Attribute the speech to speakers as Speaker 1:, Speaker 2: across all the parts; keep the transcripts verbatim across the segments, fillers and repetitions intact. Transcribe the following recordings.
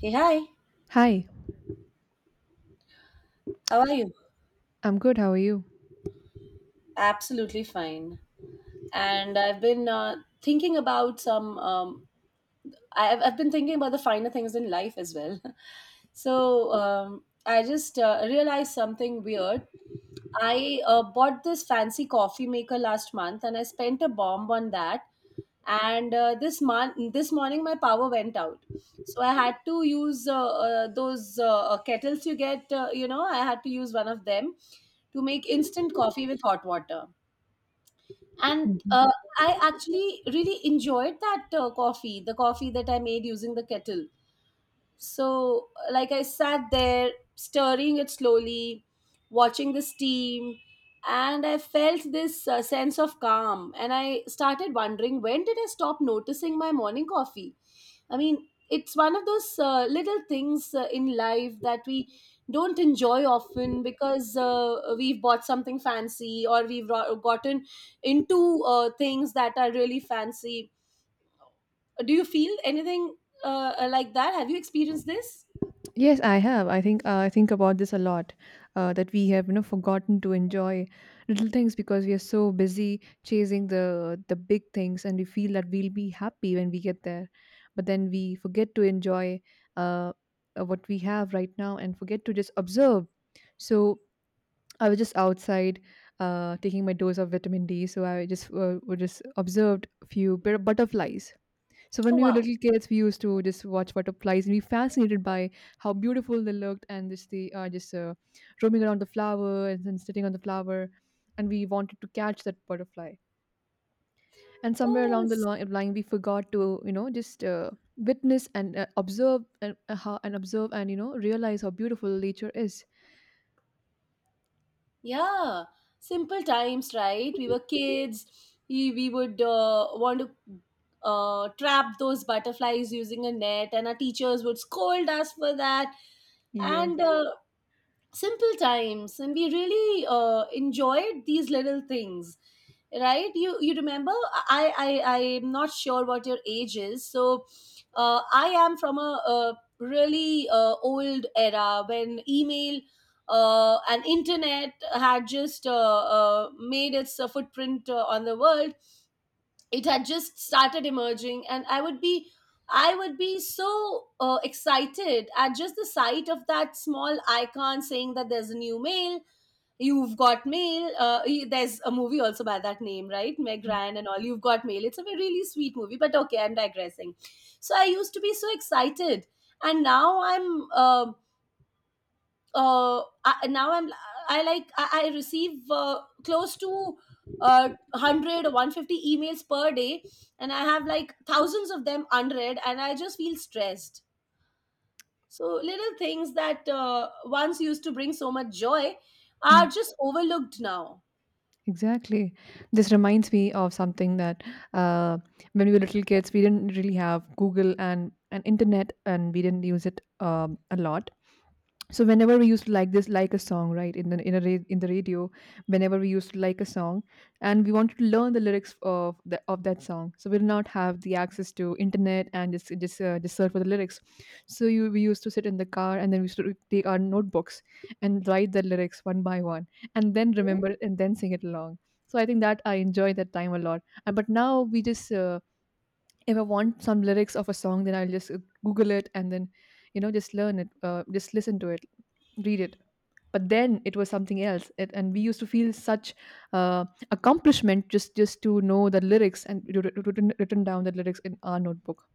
Speaker 1: Hey, hi.
Speaker 2: Hi,
Speaker 1: How are you?
Speaker 2: I'm good. How are you?
Speaker 1: Absolutely fine. And I've been uh, thinking about some. Um, I've I've been thinking about the finer things in life as well. So um, I just uh, realized something weird. I uh, bought this fancy coffee maker last month, and I spent a bomb on that. And uh, this mon- this morning, my power went out, so I had to use uh, uh, those uh, uh, kettles you get. Uh, you know, I had to use one of them to make instant coffee with hot water. And
Speaker 2: Mhm.
Speaker 1: uh, I actually really enjoyed that uh, coffee, the coffee that I made using the kettle. So, like, I sat there stirring it slowly, watching the steam, and I felt this uh, sense of calm. And I started wondering, when did I stop noticing my morning coffee? I mean, it's one of those uh, little things uh, in life that we don't enjoy often because uh, we've bought something fancy or we've ro- gotten into uh, things that are really fancy. Do you feel anything uh, uh, like that? Have you experienced this?
Speaker 2: Yes, I have. I think uh, I think about this a lot. Uh, that we have, you know, forgotten to enjoy little things because we are so busy chasing the the big things, and we feel that we'll be happy when we get there, but then we forget to enjoy uh, uh, what we have right now and forget to just observe. So I was just outside, uh, taking my dose of vitamin D. So I just uh, was just observed a few bit- butterflies. So when
Speaker 1: Oh,
Speaker 2: we were
Speaker 1: wow.
Speaker 2: little kids, we used to just watch butterflies and be fascinated by how beautiful they looked, and just they are just uh, roaming around the flower and then sitting on the flower, and we wanted to catch that butterfly. And somewhere
Speaker 1: Oh,
Speaker 2: along the
Speaker 1: it's,
Speaker 2: li- line, we forgot to, you know, just uh, witness and uh, observe and uh, how, and observe and, you know, realize how beautiful nature is.
Speaker 1: yeah. Simple times, right? We were kids. We, we would uh, want to uh, trap those butterflies using a net, and our teachers would scold us for that
Speaker 2: Yes.
Speaker 1: and uh, simple times, and we really uh, enjoyed these little things, right? You you remember, i i I'm not sure what your age is, so uh, I am from a, a really uh, old era when email uh, and internet had just uh, uh, made its uh, footprint uh, on the world. It had just started emerging, and I would be, I would be so uh, excited at just the sight of that small icon saying that there's a new mail. You've got mail. Uh, y- there's a movie also by that name, right? Meg Ryan and all, You've Got Mail. It's a very, really sweet movie, but okay, I'm digressing. So I used to be so excited, and now I'm, um uh, I, now I'm, I, like, I, I receive uh, close to uh, one hundred or one hundred fifty emails per day, and I have like thousands of them unread, and I just feel stressed. So little things that uh, once used to bring so much joy are just overlooked now.
Speaker 2: Exactly. This reminds me of something that, uh, when we were little kids, we didn't really have Google and, and internet, and we didn't use it um, a lot. So whenever we used to like this, like a song, right, in the in, a ra- in the radio, whenever we used to like a song and we wanted to learn the lyrics of the, of that song, so we'll not have the access to internet and just just, uh, just search for the lyrics. So you, we used to sit in the car, and then we used to take our notebooks and write the lyrics one by one and then remember it and then sing it along. So I think that I enjoy that time a lot. Uh, but now we just uh, if I want some lyrics of a song, then I'll just uh, Google it, and then, you know, just learn it, uh, just listen to it, read it. But then it was something else, it, and we used to feel such uh, accomplishment just just to know the lyrics and wr- wr- written, written down the lyrics in our notebook.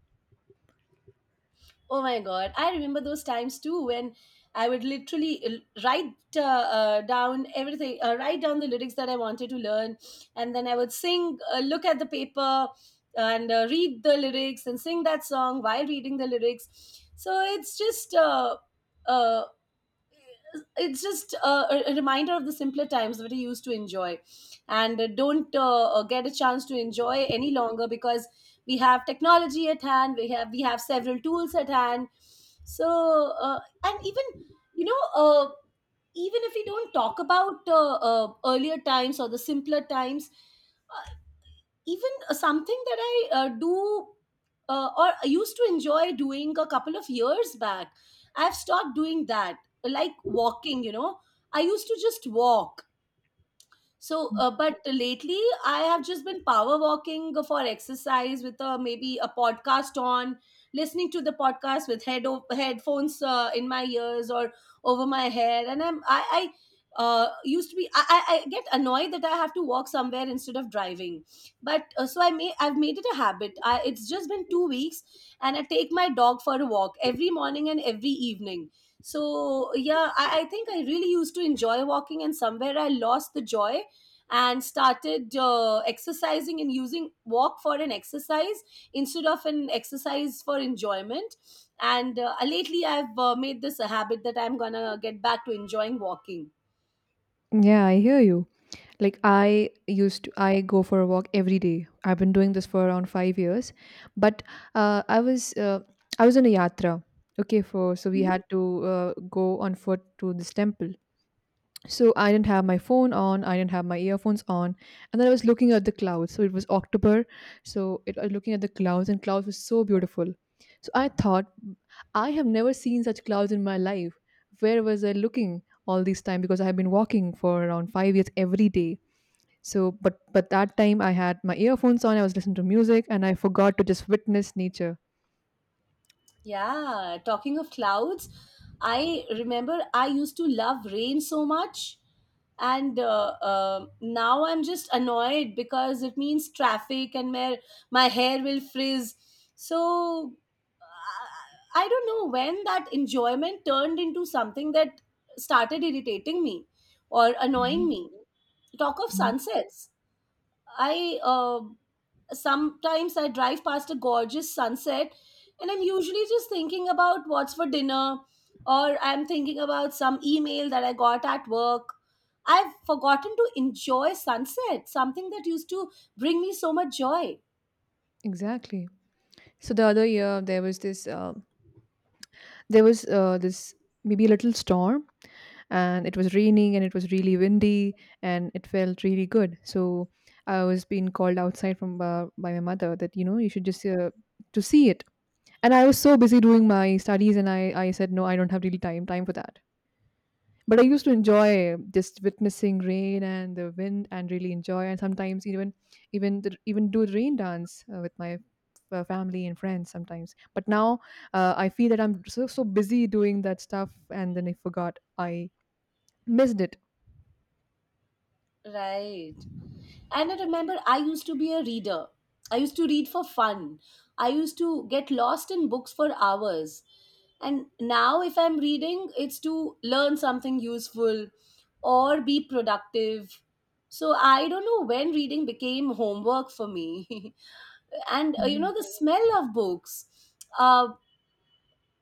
Speaker 1: Oh my God. I remember those times too when I would literally l- write uh, uh, down everything, uh, write down the lyrics that I wanted to learn. And then I would sing, uh, look at the paper and uh, read the lyrics and sing that song while reading the lyrics. So it's just uh, uh, it's just uh, a, a reminder of the simpler times that we used to enjoy and uh, don't uh, uh, get a chance to enjoy any longer because we have technology at hand, we have we have several tools at hand. So uh, and even, you know uh, even if we don't talk about uh, uh, earlier times or the simpler times, even uh, something that I uh, do, uh, or I used to enjoy doing a couple of years back, I've stopped doing that. Like walking, you know, I used to just walk. So, uh, but lately I have just been power walking for exercise with a, maybe a podcast on, listening to the podcast with head o- headphones uh, in my ears or over my head, and I'm I. I uh, used to be, I, I I get annoyed that I have to walk somewhere instead of driving. But uh, so i may I've made it a habit. I, it's just been two weeks, and I take my dog for a walk every morning and every evening. So yeah, I, I think I really used to enjoy walking, and somewhere I lost the joy and started uh, exercising and using walk for an exercise instead of an exercise for enjoyment. And uh, lately I've uh, made this a habit that I'm gonna get back to enjoying walking.
Speaker 2: Yeah, I hear you. Like I used to, I go for a walk every day. I've been doing this for around five years, but uh, I was uh, I was on a yatra. Okay, for so we
Speaker 1: Mhm.
Speaker 2: had to uh, go on foot to this temple, so I didn't have my phone on, I didn't have my earphones on, and then I was looking at the clouds. So it was October, so it, I was looking at the clouds, and clouds was so beautiful. So I thought, I have never seen such clouds in my life. Where was I looking all this time? Because I have been walking for around five years every day. So, but but that time I had my earphones on, I was listening to music, and I forgot to just witness nature.
Speaker 1: Yeah, talking of clouds, I remember I used to love rain so much, and uh, uh, now I'm just annoyed because it means traffic and my my hair will frizz. So I don't know when that enjoyment turned into something that started irritating me or annoying
Speaker 2: Mhm,
Speaker 1: me. Talk of
Speaker 2: mhm.
Speaker 1: sunsets. I uh, sometimes I drive past a gorgeous sunset, and I'm usually just thinking about what's for dinner, or I'm thinking about some email that I got at work. I've forgotten to enjoy sunset, something that used to bring me so much joy.
Speaker 2: Exactly. So the other year there was this uh, there was uh, this maybe a little storm, and it was raining and it was really windy and it felt really good. So I was being called outside from uh, by my mother, that you know, you should just uh, to see it. And I was so busy doing my studies, and i i said, no, I don't have really time time for that. But I used to enjoy just witnessing rain and the wind and really enjoy, and sometimes even even the, even do the rain dance uh, with my uh, family and friends sometimes. But now uh, I feel that I'm so so busy doing that stuff, and then I forgot, I missed it.
Speaker 1: Right. And I remember I used to be a reader. I used to read for fun. I used to get lost in books for hours. And now, if I'm reading, it's to learn something useful or be productive. So I don't know when reading became homework for me. And uh, you
Speaker 2: Mm,
Speaker 1: know, the smell of books. Uh,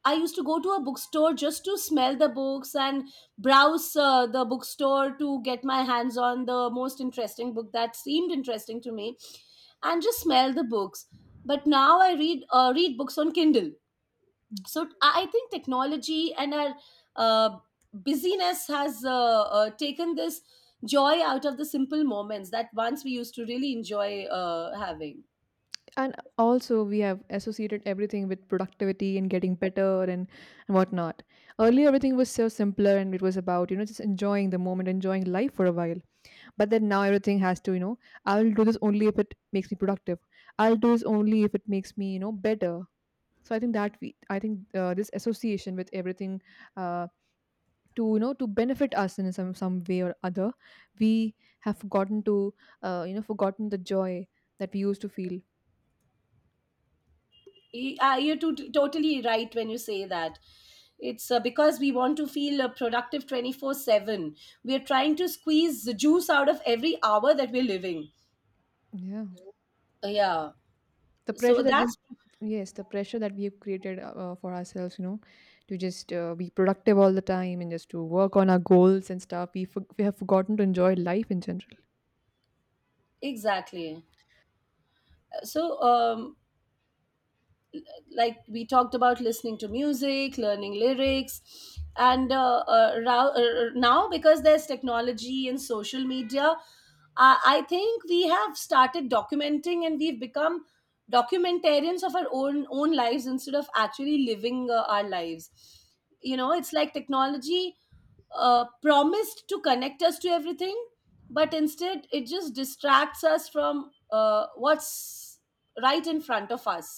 Speaker 1: I used to go to a bookstore just to smell the books and browse uh, the bookstore to get my hands on the most interesting book that seemed interesting to me and just smell the books. But now I read uh, read books on Kindle.
Speaker 2: mm.
Speaker 1: So I I think technology and our uh, busyness has uh, uh, taken this joy out of the simple moments that once we used to really enjoy uh, having.
Speaker 2: And also, we have associated everything with productivity and getting better, and, and whatnot. Earlier, everything was so simpler and it was about, you know, just enjoying the moment, enjoying life for a while. But then now everything has to, you know, I'll do this only if it makes me productive. I'll do this only if it makes me, you know, better. So I think that we, I think uh, this association with everything uh, to, you know, to benefit us in some some way or other, we have forgotten to uh, you know, forgotten the joy that we used to feel.
Speaker 1: Y- uh, You're to- totally right when you say that. It's uh, because we want to feel uh, productive twenty-four seven. We're trying to squeeze the juice out of every hour that we're living.
Speaker 2: Yeah,
Speaker 1: Uh, Yeah.
Speaker 2: the
Speaker 1: So
Speaker 2: pressure that we,
Speaker 1: that's
Speaker 2: yes, the pressure that we have created uh, uh, for ourselves, you know, to just uh, be productive all the time and just to work on our goals and stuff, we, for- we have forgotten to enjoy life in general.
Speaker 1: exactly. Uh, So um, like we talked about listening to music, learning lyrics. And uh, uh, ra- uh, uh, now, because there's technology and social media, I I think we have started documenting, and we've become documentarians of our own own lives instead of actually living uh, our lives. You know, it's like technology uh, promised to connect us to everything, but instead it just distracts us from uh, what's right in front of us.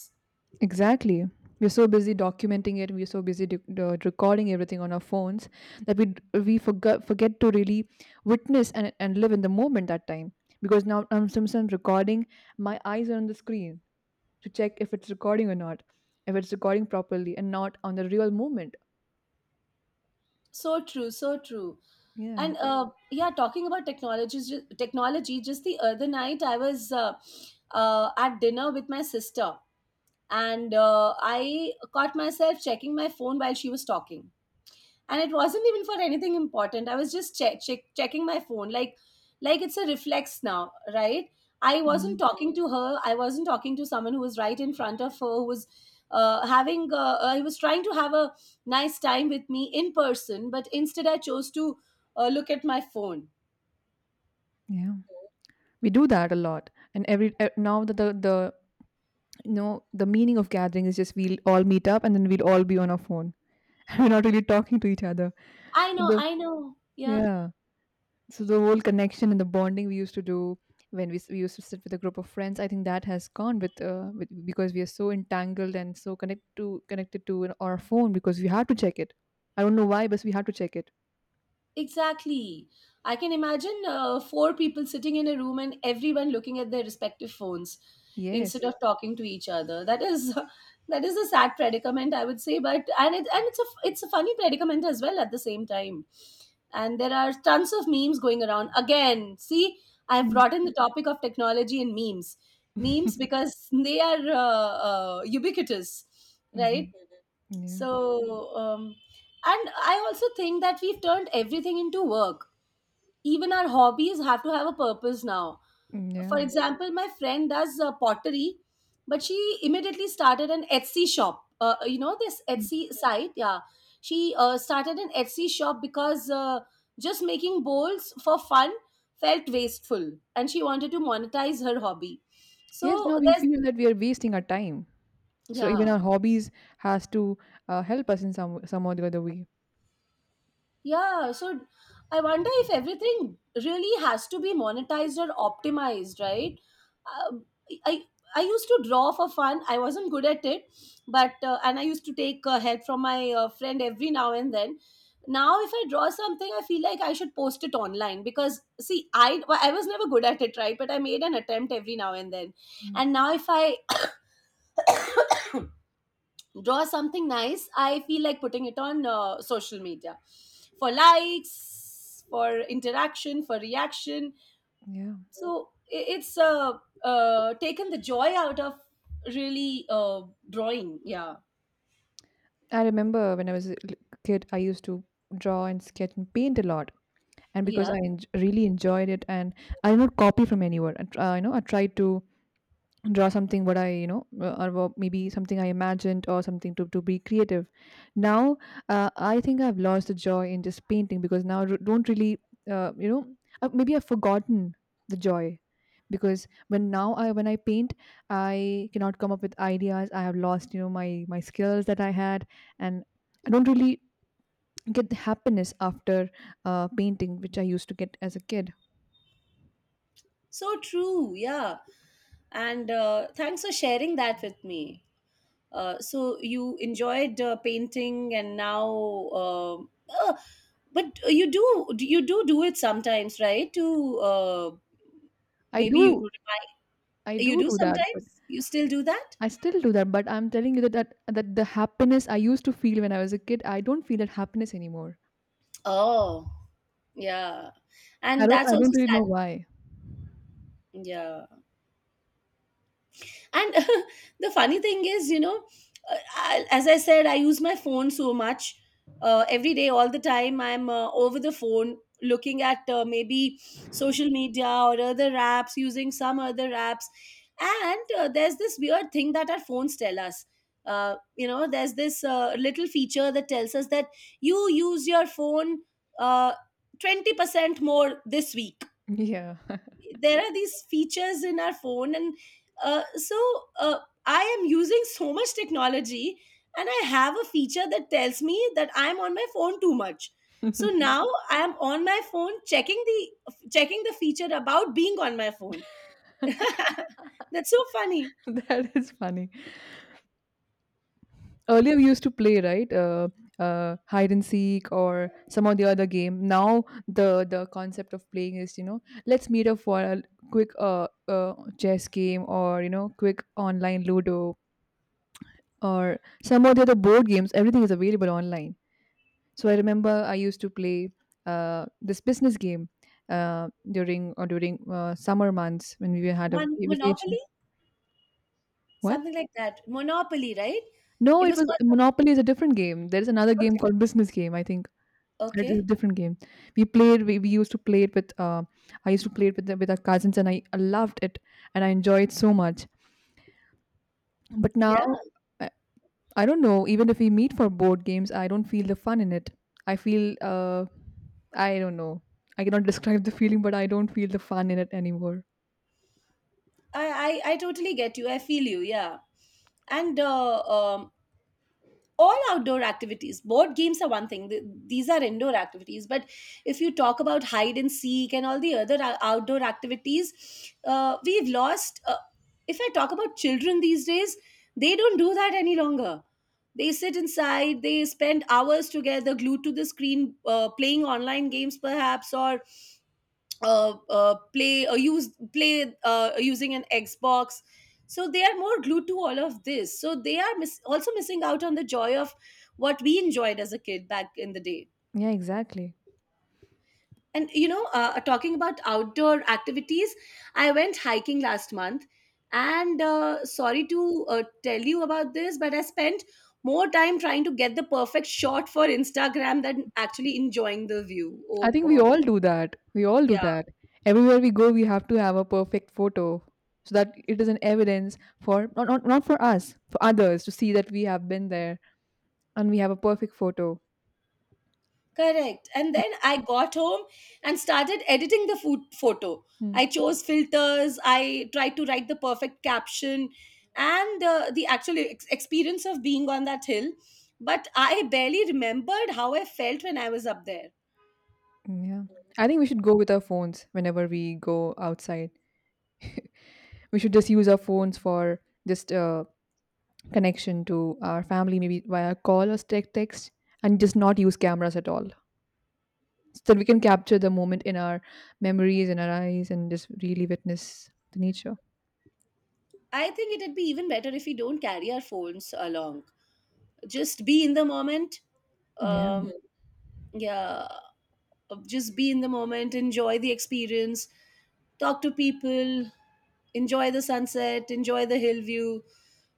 Speaker 2: Exactly. We're so busy documenting it, we're so busy d- d- recording everything on our phones, that we d- we forget forget to really witness and, and live in the moment that time. Because now I'm sometimes recording, my eyes are on the screen to check if it's recording or not, if it's recording properly, and not on the real moment.
Speaker 1: So true, so true.
Speaker 2: Yeah,
Speaker 1: And uh, yeah, talking about technologies, ju- technology. Just the other night, I was uh, uh, at dinner with my sister, and uh, I caught myself checking my phone while she was talking, and it wasn't even for anything important. I was just check, check checking my phone, like like it's a reflex now, right? I
Speaker 2: yeah,
Speaker 1: wasn't talking to her. I wasn't talking to someone who was right in front of her who was uh, having uh, I was trying to have a nice time with me in person, but instead I chose to uh, look at my phone.
Speaker 2: yeah. We do that a lot, and every e- now that the the you know, the meaning of gathering is just we'll all meet up and then we'll all be on our phone. We're not really talking to each other.
Speaker 1: I
Speaker 2: So
Speaker 1: know,
Speaker 2: the,
Speaker 1: I know, yeah,
Speaker 2: yeah. So the whole connection and the bonding we used to do when we, s- we used to sit with a group of friends, I think that has gone with, uh, with, because we are so entangled and so connect to connected to an- our phone, because we had to check it, I don't know why, but we had to check it.
Speaker 1: exactly. I can imagine uh, four people sitting in a room and everyone looking at their respective phones
Speaker 2: Yes.
Speaker 1: instead of talking to each other. That is, that is a sad predicament, I would say, but and it, and it's a, it's a funny predicament as well at the same time. And there are tons of memes going around. Again, see, I've
Speaker 2: Mm.
Speaker 1: brought in the topic of technology and memes. Memes,
Speaker 2: Hmm.
Speaker 1: because they are uh, uh, ubiquitous, right?
Speaker 2: Mm-hmm. Yeah.
Speaker 1: So um, and I also think that we've turned everything into work. Even our hobbies have to have a purpose now.
Speaker 2: Mm,
Speaker 1: For
Speaker 2: yeah.
Speaker 1: example, my friend does uh, pottery, but she immediately started an Etsy shop. Uh, uh, you know this
Speaker 2: Mm.
Speaker 1: Etsy site, yeah. She uh, started an Etsy shop because uh, just making bowls for fun felt wasteful, and she wanted to monetize her hobby.
Speaker 2: Yes,
Speaker 1: So
Speaker 2: now we
Speaker 1: there's,
Speaker 2: feel that we are wasting our time, so even
Speaker 1: yeah.
Speaker 2: our hobbies has to uh, help us in some some or the other way.
Speaker 1: Yeah, so I wonder if everything really has to be monetized or optimized, right? Um I I used to draw for fun. I wasn't good at it, but uh, and I used to take uh, help from my uh, friend every now and then. Now, if I draw something, I feel like I should post it online because, see, I I was never good at it, right? But I made an attempt every now and then,
Speaker 2: Mm,
Speaker 1: and now if I draw something nice, I feel like putting it on uh, social media for likes, for interaction, for reaction.
Speaker 2: yeah.
Speaker 1: So I- it's uh, uh, taken the joy out of really uh, drawing. Yeah,
Speaker 2: I remember when I was a l- kid, I used to draw and sketch and paint a lot, and because
Speaker 1: yeah,
Speaker 2: I en- really enjoyed it, and I don't copy from anywhere. And uh, you know, I try to draw something what I, you know, uh, or what, maybe something I imagined or something to to be creative. Now, uh, I think I've lost the joy in just painting, because now I r- don't really uh, you know, uh, maybe I've forgotten the joy. Because when now I, when I paint, I cannot come up with ideas. I have lost, you know, my my skills that I had, and I don't really get the happiness after uh, painting, which I used to get as a kid.
Speaker 1: so true, yeah. And uh, thanks for sharing that with me. Uh, so you enjoyed uh, painting, and now, uh, uh, but you do, you do do it sometimes, right? To uh,
Speaker 2: I
Speaker 1: maybe you
Speaker 2: do, I
Speaker 1: you
Speaker 2: do
Speaker 1: do
Speaker 2: do that, but
Speaker 1: sometimes. You still do that?
Speaker 2: I still do that, but I'm telling you that that, that the happiness I used to feel when I was a kid, I don't feel that happiness anymore.
Speaker 1: Oh, yeah,
Speaker 2: I
Speaker 1: and
Speaker 2: don't,
Speaker 1: that's
Speaker 2: I
Speaker 1: also
Speaker 2: don't really
Speaker 1: sad.
Speaker 2: know why.
Speaker 1: Yeah. And the funny thing is, you know uh, I, as I said, I use my phone so much. Uh, every day, all the time, I'm, uh, over the phone looking at, uh, maybe social media or other apps, using some other apps. And uh, there's this weird thing that our phones tell us. Uh, you know there's this uh, little feature that tells us that you use your phone uh, twenty percent more this week.
Speaker 2: Yeah.
Speaker 1: There are these features in our phone. And uh, so, uh, I am using so much technology, and I have a feature that tells me that I'm on my phone too much. So now I am on my phone checking the checking the feature about being on my phone. That's so funny.
Speaker 2: That is funny. Earlier we used to play, right? Uh, uh, hide and seek or some of the other game. Now the the concept of playing is, you know, let's meet up for a quick uh, uh chess game, or you know, quick online Ludo or some of the other board games. Everything is available online. So I remember I used to play uh, this business game uh, during or during uh, summer months when we had a
Speaker 1: Mon- monopoly,
Speaker 2: vacation. What?
Speaker 1: something like that. Monopoly, right?
Speaker 2: No,
Speaker 1: it
Speaker 2: it
Speaker 1: was
Speaker 2: was,
Speaker 1: called something-
Speaker 2: Monopoly is a different game. There is another game
Speaker 1: Okay.
Speaker 2: called business game. I think it is a
Speaker 1: Okay.
Speaker 2: different game. We played. We, we used to play it with. Uh, I used to play it with the, with our cousins, and I loved it, and I enjoyed it so much. But
Speaker 1: Yeah,
Speaker 2: now I don't know. Even if we meet for board games, I don't feel the fun in it. I feel, uh, I don't know. I cannot describe the feeling, but I don't feel the fun in it anymore.
Speaker 1: I, I i totally get you, I feel you. Yeah. And uh, um all outdoor activities, board games are one thing. Th- these are indoor activities. But if you talk about hide and seek and all the other ou- outdoor activities, uh, we've lost. Uh, if I talk about children these days, they don't do that any longer. They sit inside, they spend hours together glued to the screen, uh, playing online games perhaps, or uh, uh, play or use play uh, using an Xbox. So they are more glued to all of this. So they are miss- also missing out on the joy of what we enjoyed as a kid back in the day.
Speaker 2: Yeah, exactly.
Speaker 1: And you know, uh, uh, talking about outdoor activities, I went hiking last month, and uh, sorry to uh, tell you about this, but I spent more time trying to get the perfect shot for Instagram than actually enjoying the view. Oh
Speaker 2: I think we
Speaker 1: God,
Speaker 2: all do that. We all do
Speaker 1: yeah.
Speaker 2: that. Everywhere we go, we have to have a perfect photo so that it is an evidence for not, not, not for us, for others to see that we have been there, and we have a perfect photo.
Speaker 1: Correct. And then I got home and started editing the food photo.
Speaker 2: Mm,
Speaker 1: I chose filters, I tried to write the perfect caption, and uh, the actual ex- experience of being on that hill. But I barely remembered how I felt when I was up there.
Speaker 2: yeah. I think we should go with our phones whenever we go outside. We should just use our phones for just uh, connection to our family, maybe via call or tec- text, and just not use cameras at all, so that we can capture the moment in our memories, in our eyes, and just really witness the nature.
Speaker 1: I think it'd be even better if we don't carry our phones along. Just be in the moment.
Speaker 2: Yeah,
Speaker 1: Um, yeah, just be in the moment, enjoy the experience, talk to people, enjoy the sunset, enjoy the hill view,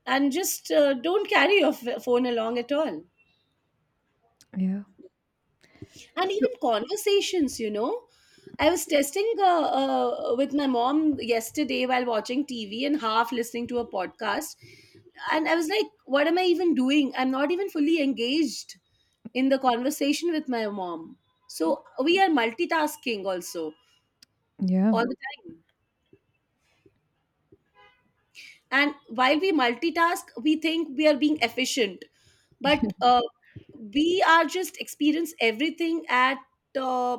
Speaker 1: and just uh, don't carry your f- phone along at all.
Speaker 2: yeah.
Speaker 1: And
Speaker 2: So,
Speaker 1: even conversations, you know. I was testing uh, uh, with my mom yesterday while watching T V and half listening to a podcast. And I was like, what am I even doing? I'm not even fully engaged in the conversation with my mom. So we are multitasking also
Speaker 2: yeah,
Speaker 1: all the time. And while we multitask, we think we are being efficient,
Speaker 2: yeah,
Speaker 1: but uh, we are just experience everything at uh,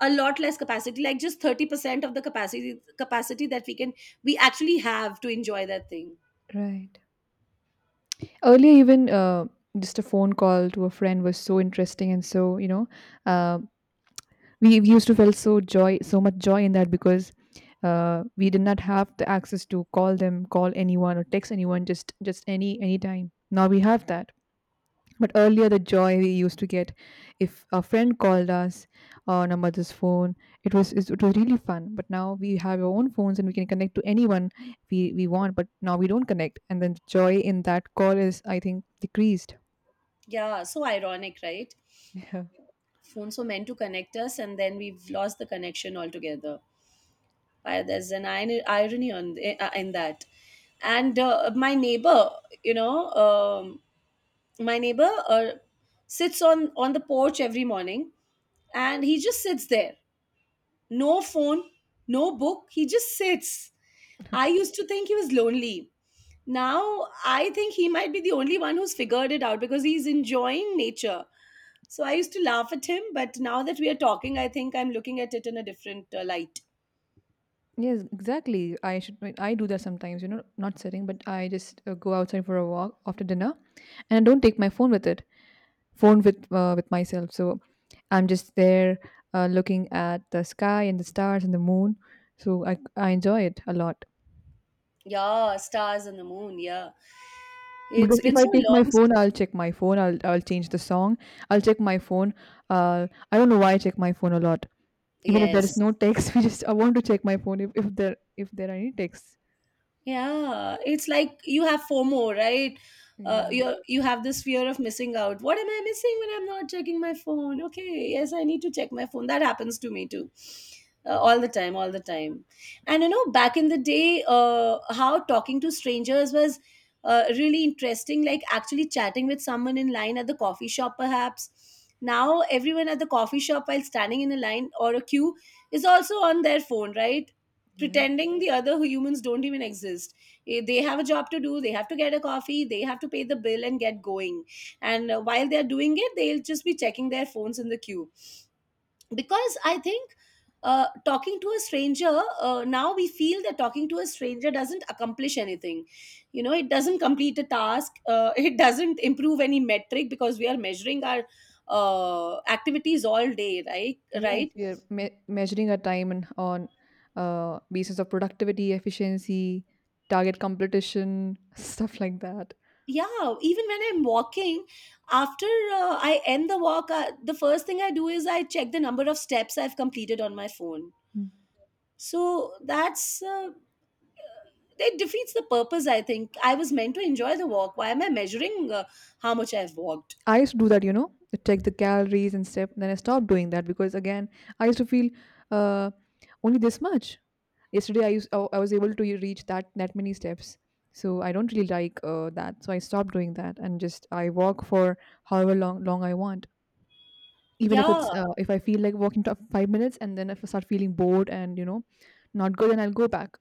Speaker 1: a lot less capacity, like just thirty percent of the capacity capacity that we can we actually have to enjoy that thing.
Speaker 2: right. Earlier, even uh, just a phone call to a friend was so interesting, and so you know, uh, we we used to felt so joy, so much joy in that, because uh, we did not have the access to call them, call anyone, or text anyone just just any any time. Now we have that. But earlier, the joy we used to get if a friend called us on our mother's phone, it was it it was really fun. But now we have our own phones and we can connect to anyone we we want. But now we don't connect, and then the joy in that call is, I think, decreased.
Speaker 1: Yeah, so ironic, right?
Speaker 2: Yeah.
Speaker 1: Phones were meant to connect us, and then we've lost the connection altogether. Uh, there's an ir- irony on eh, uh, in that. And uh, my neighbor, you know um, my neighbor uh, sits on on the porch every morning, and he just sits there. No phone, no book, he just sits. I
Speaker 2: Okay.
Speaker 1: used to think he was lonely. Now I think he might be the only one who's figured it out, because he's enjoying nature. So I used to laugh at him, but now that we are talking, I think I'm looking at it in a different uh, light.
Speaker 2: Yes, exactly. I should. I do that sometimes. You know, not sitting, but I just uh, go outside for a walk after dinner, and I don't take my phone with it. Phone with uh, with myself. So I'm just there uh, looking at the sky and the stars and the moon. So I I enjoy it a lot
Speaker 1: Yeah, stars and the moon. Yeah. it's
Speaker 2: because
Speaker 1: been
Speaker 2: if I
Speaker 1: so
Speaker 2: take
Speaker 1: long
Speaker 2: my
Speaker 1: since-
Speaker 2: phone, I'll check my phone. I'll I'll change the song. I'll check my phone. Uh, I don't know why I check my phone a lot. Even if there
Speaker 1: Yes.
Speaker 2: is no text, we just I want to check my phone if, if there if there are any texts.
Speaker 1: Yeah, it's like you have FOMO, right? Uh,
Speaker 2: Yeah.
Speaker 1: you you have this fear of missing out. What am I missing when I'm not checking my phone? Okay, yes, I need to check my phone. That happens to me too, uh, all the time, all the time. And you know, back in the day, uh, how talking to strangers was uh, really interesting. Like actually chatting with someone in line at the coffee shop, perhaps. Now everyone at the coffee shop, while standing in a line or a queue, is also on their phone, right?
Speaker 2: Yeah.
Speaker 1: Pretending the other humans don't even exist. Eh, they have a job to do, they have to get a coffee, they have to pay the bill and get going. And uh, while they're doing it, they'll just be checking their phones in the queue. Because I think, uh, talking to a stranger uh, now we feel that talking to a stranger doesn't accomplish anything. You know it doesn't complete a task. Uh, it doesn't improve any metric, because we are measuring our uh, activities all day, right,
Speaker 2: Yes,
Speaker 1: right.
Speaker 2: we are me- measuring our time and on uh, basis of productivity, efficiency, target competition, stuff like that.
Speaker 1: Yeah, even when I'm walking, after uh, I end the walk, uh, the first thing I do is I check the number of steps I've completed on my phone.
Speaker 2: Mm.
Speaker 1: So that's uh, it defeats the purpose. I think I was meant to enjoy the walk, why am I measuring uh, how much I've walked.
Speaker 2: I used to do that, you know, to check the calories and stuff. Then I stopped doing that because again, I used to feel uh, only this much. Yesterday, I used I I was able to reach that that many steps. So I don't really like uh, that. So I stopped doing that and just I walk for however long long I want. Even if
Speaker 1: Yeah,
Speaker 2: it's uh, if I feel like walking to five minutes, and then if I start feeling bored and, you know, not good, then I'll go back.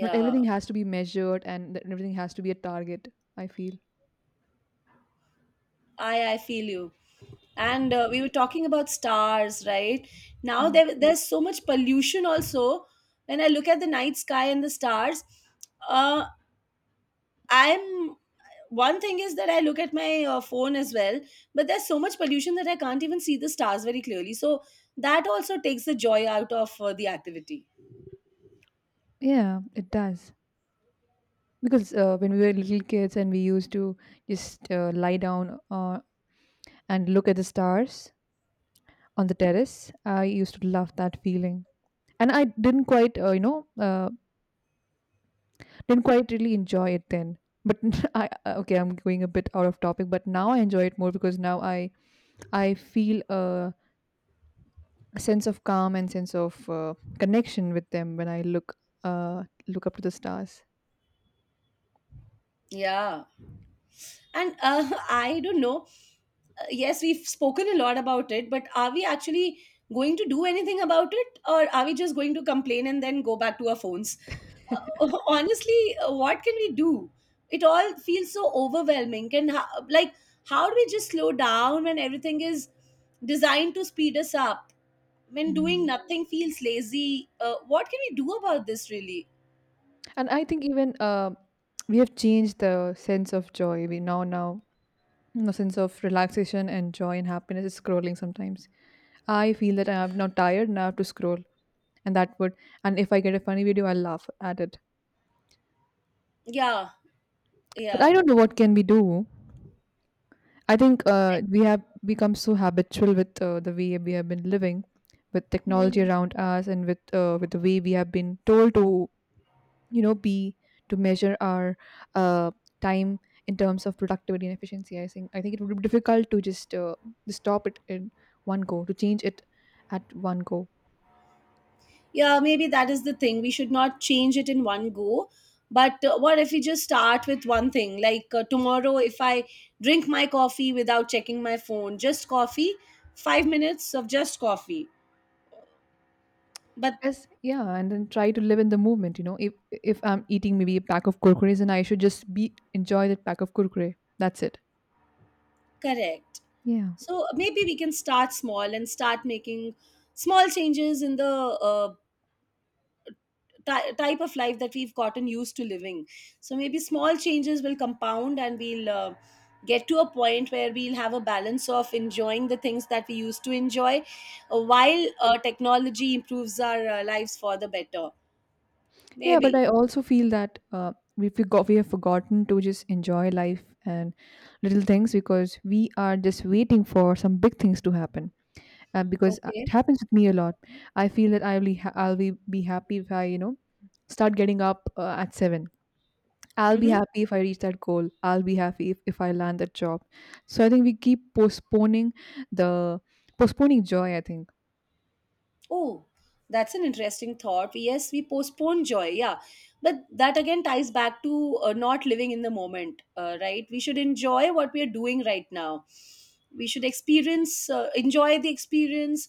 Speaker 2: Not everything has to be measured and th- everything has to be a target, I feel.
Speaker 1: i i feel you. And uh, we were talking about stars, right? Now
Speaker 2: Yeah,
Speaker 1: there, there's so much pollution also. When I look at the night sky and the stars, uh, I'm one thing is that I look at my uh, phone as well, but there's so much pollution that I can't even see the stars very clearly. So that also takes the joy out of uh, the activity.
Speaker 2: yeah, it does, because uh, when we were little kids and we used to just uh, lie down uh, and look at the stars on the terrace, I used to love that feeling. And I didn't quite uh, you know uh, didn't quite really enjoy it then, but I uh, okay, I'm going a bit out of topic, but now I enjoy it more because now i I feel a sense of calm and sense of uh, connection with them when I look uh, look up to the stars.
Speaker 1: Yeah. And uh, I don't know. Uh, yes, we've spoken a lot about it, but are we actually going to do anything about it, or are we just going to complain and then go back to our phones? Uh, honestly, uh, what can we do? It all feels so overwhelming. And how, like, how do we just slow down when everything is designed to speed us up? When doing
Speaker 2: Mm.
Speaker 1: nothing feels lazy? Uh, what can we do about this, really?
Speaker 2: And I think even uh, we have changed the sense of joy. We now now the sense of relaxation and joy and happiness is scrolling sometimes. I feel that I'm now tired and I have to scroll, and that would, and if I get a funny video, I'll laugh at it.
Speaker 1: Yeah,
Speaker 2: But I
Speaker 1: yeah.
Speaker 2: don't know what can we do. I think uh, we have become so habitual with uh, the way we have been living, with technology around us, and with uh, with the way we have been told to, you know, be, to measure our uh, time in terms of productivity and efficiency. I think I think it would be difficult to just uh, to stop it in one go, to change it at one go.
Speaker 1: Yeah, maybe that is the thing. We should not change it in one go, but uh, what if we just start with one thing? Like, uh, tomorrow, if I drink my coffee without checking my phone, just coffee, five minutes of just coffee, but...
Speaker 2: Yes, yeah, and then try to live in the moment. You know, if if I'm eating maybe a pack of kurkures, and I should just be enjoy that pack of kurkure. That's it.
Speaker 1: Correct.
Speaker 2: Yeah.
Speaker 1: So maybe we can start small and start making small changes in the uh, ty- type of life that we've gotten used to living. So maybe small changes will compound, and we'll uh, get to a point where we'll have a balance of enjoying the things that we used to enjoy, uh, while uh, technology improves our uh, lives for the better.
Speaker 2: Yeah, but
Speaker 1: Maybe.
Speaker 2: I also feel that uh, we forgot we have forgotten to just enjoy life and little things because we are just waiting for some big things to happen. Uh, because uh,
Speaker 1: Okay.
Speaker 2: it happens with me a lot. I feel that I'll be ha- I'll be, be happy if I, you know, start getting up uh, at seven. I'll be
Speaker 1: Mm-hmm.
Speaker 2: happy if I reach that goal. I'll be happy if, if I land that job. So I think we keep postponing the, postponing joy, I think.
Speaker 1: Oh, that's an interesting thought. Yes, we postpone joy. Yeah. But that again ties back to uh, not living in the moment, uh, right? We should enjoy what we are doing right now. We should experience, uh, enjoy the experience,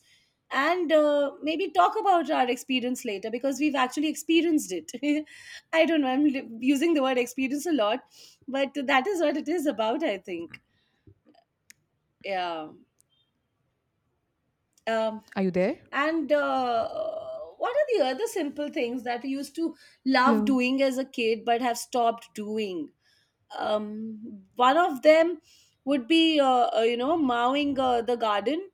Speaker 1: and uh, maybe talk about our experience later, because we've actually experienced it. I don't know. I'm li- using the word experience a lot, but that is what it is about, I think. Yeah. Um,
Speaker 2: Are you there?
Speaker 1: and uh, what are the other simple things that you used to love
Speaker 2: Hello.
Speaker 1: doing as a kid but have stopped doing? Um, one of them would be, uh, uh, you know mowing uh, the garden.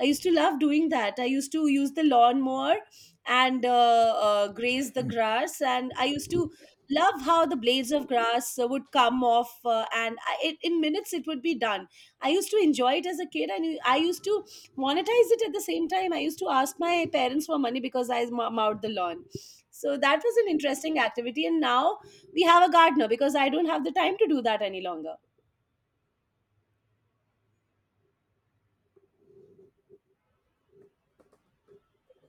Speaker 1: I used to love doing that. I used to use the lawnmower, and uh, uh, graze the grass. And I used to love how the blades of grass uh, would come off, uh, and I, it, in minutes it would be done. I used to enjoy it as a kid, and I used to monetize it at the same time. I used to ask my parents for money because I mow- mowed the lawn. So that was an interesting activity, and now we have a gardener, because I don't have the time to do that any longer.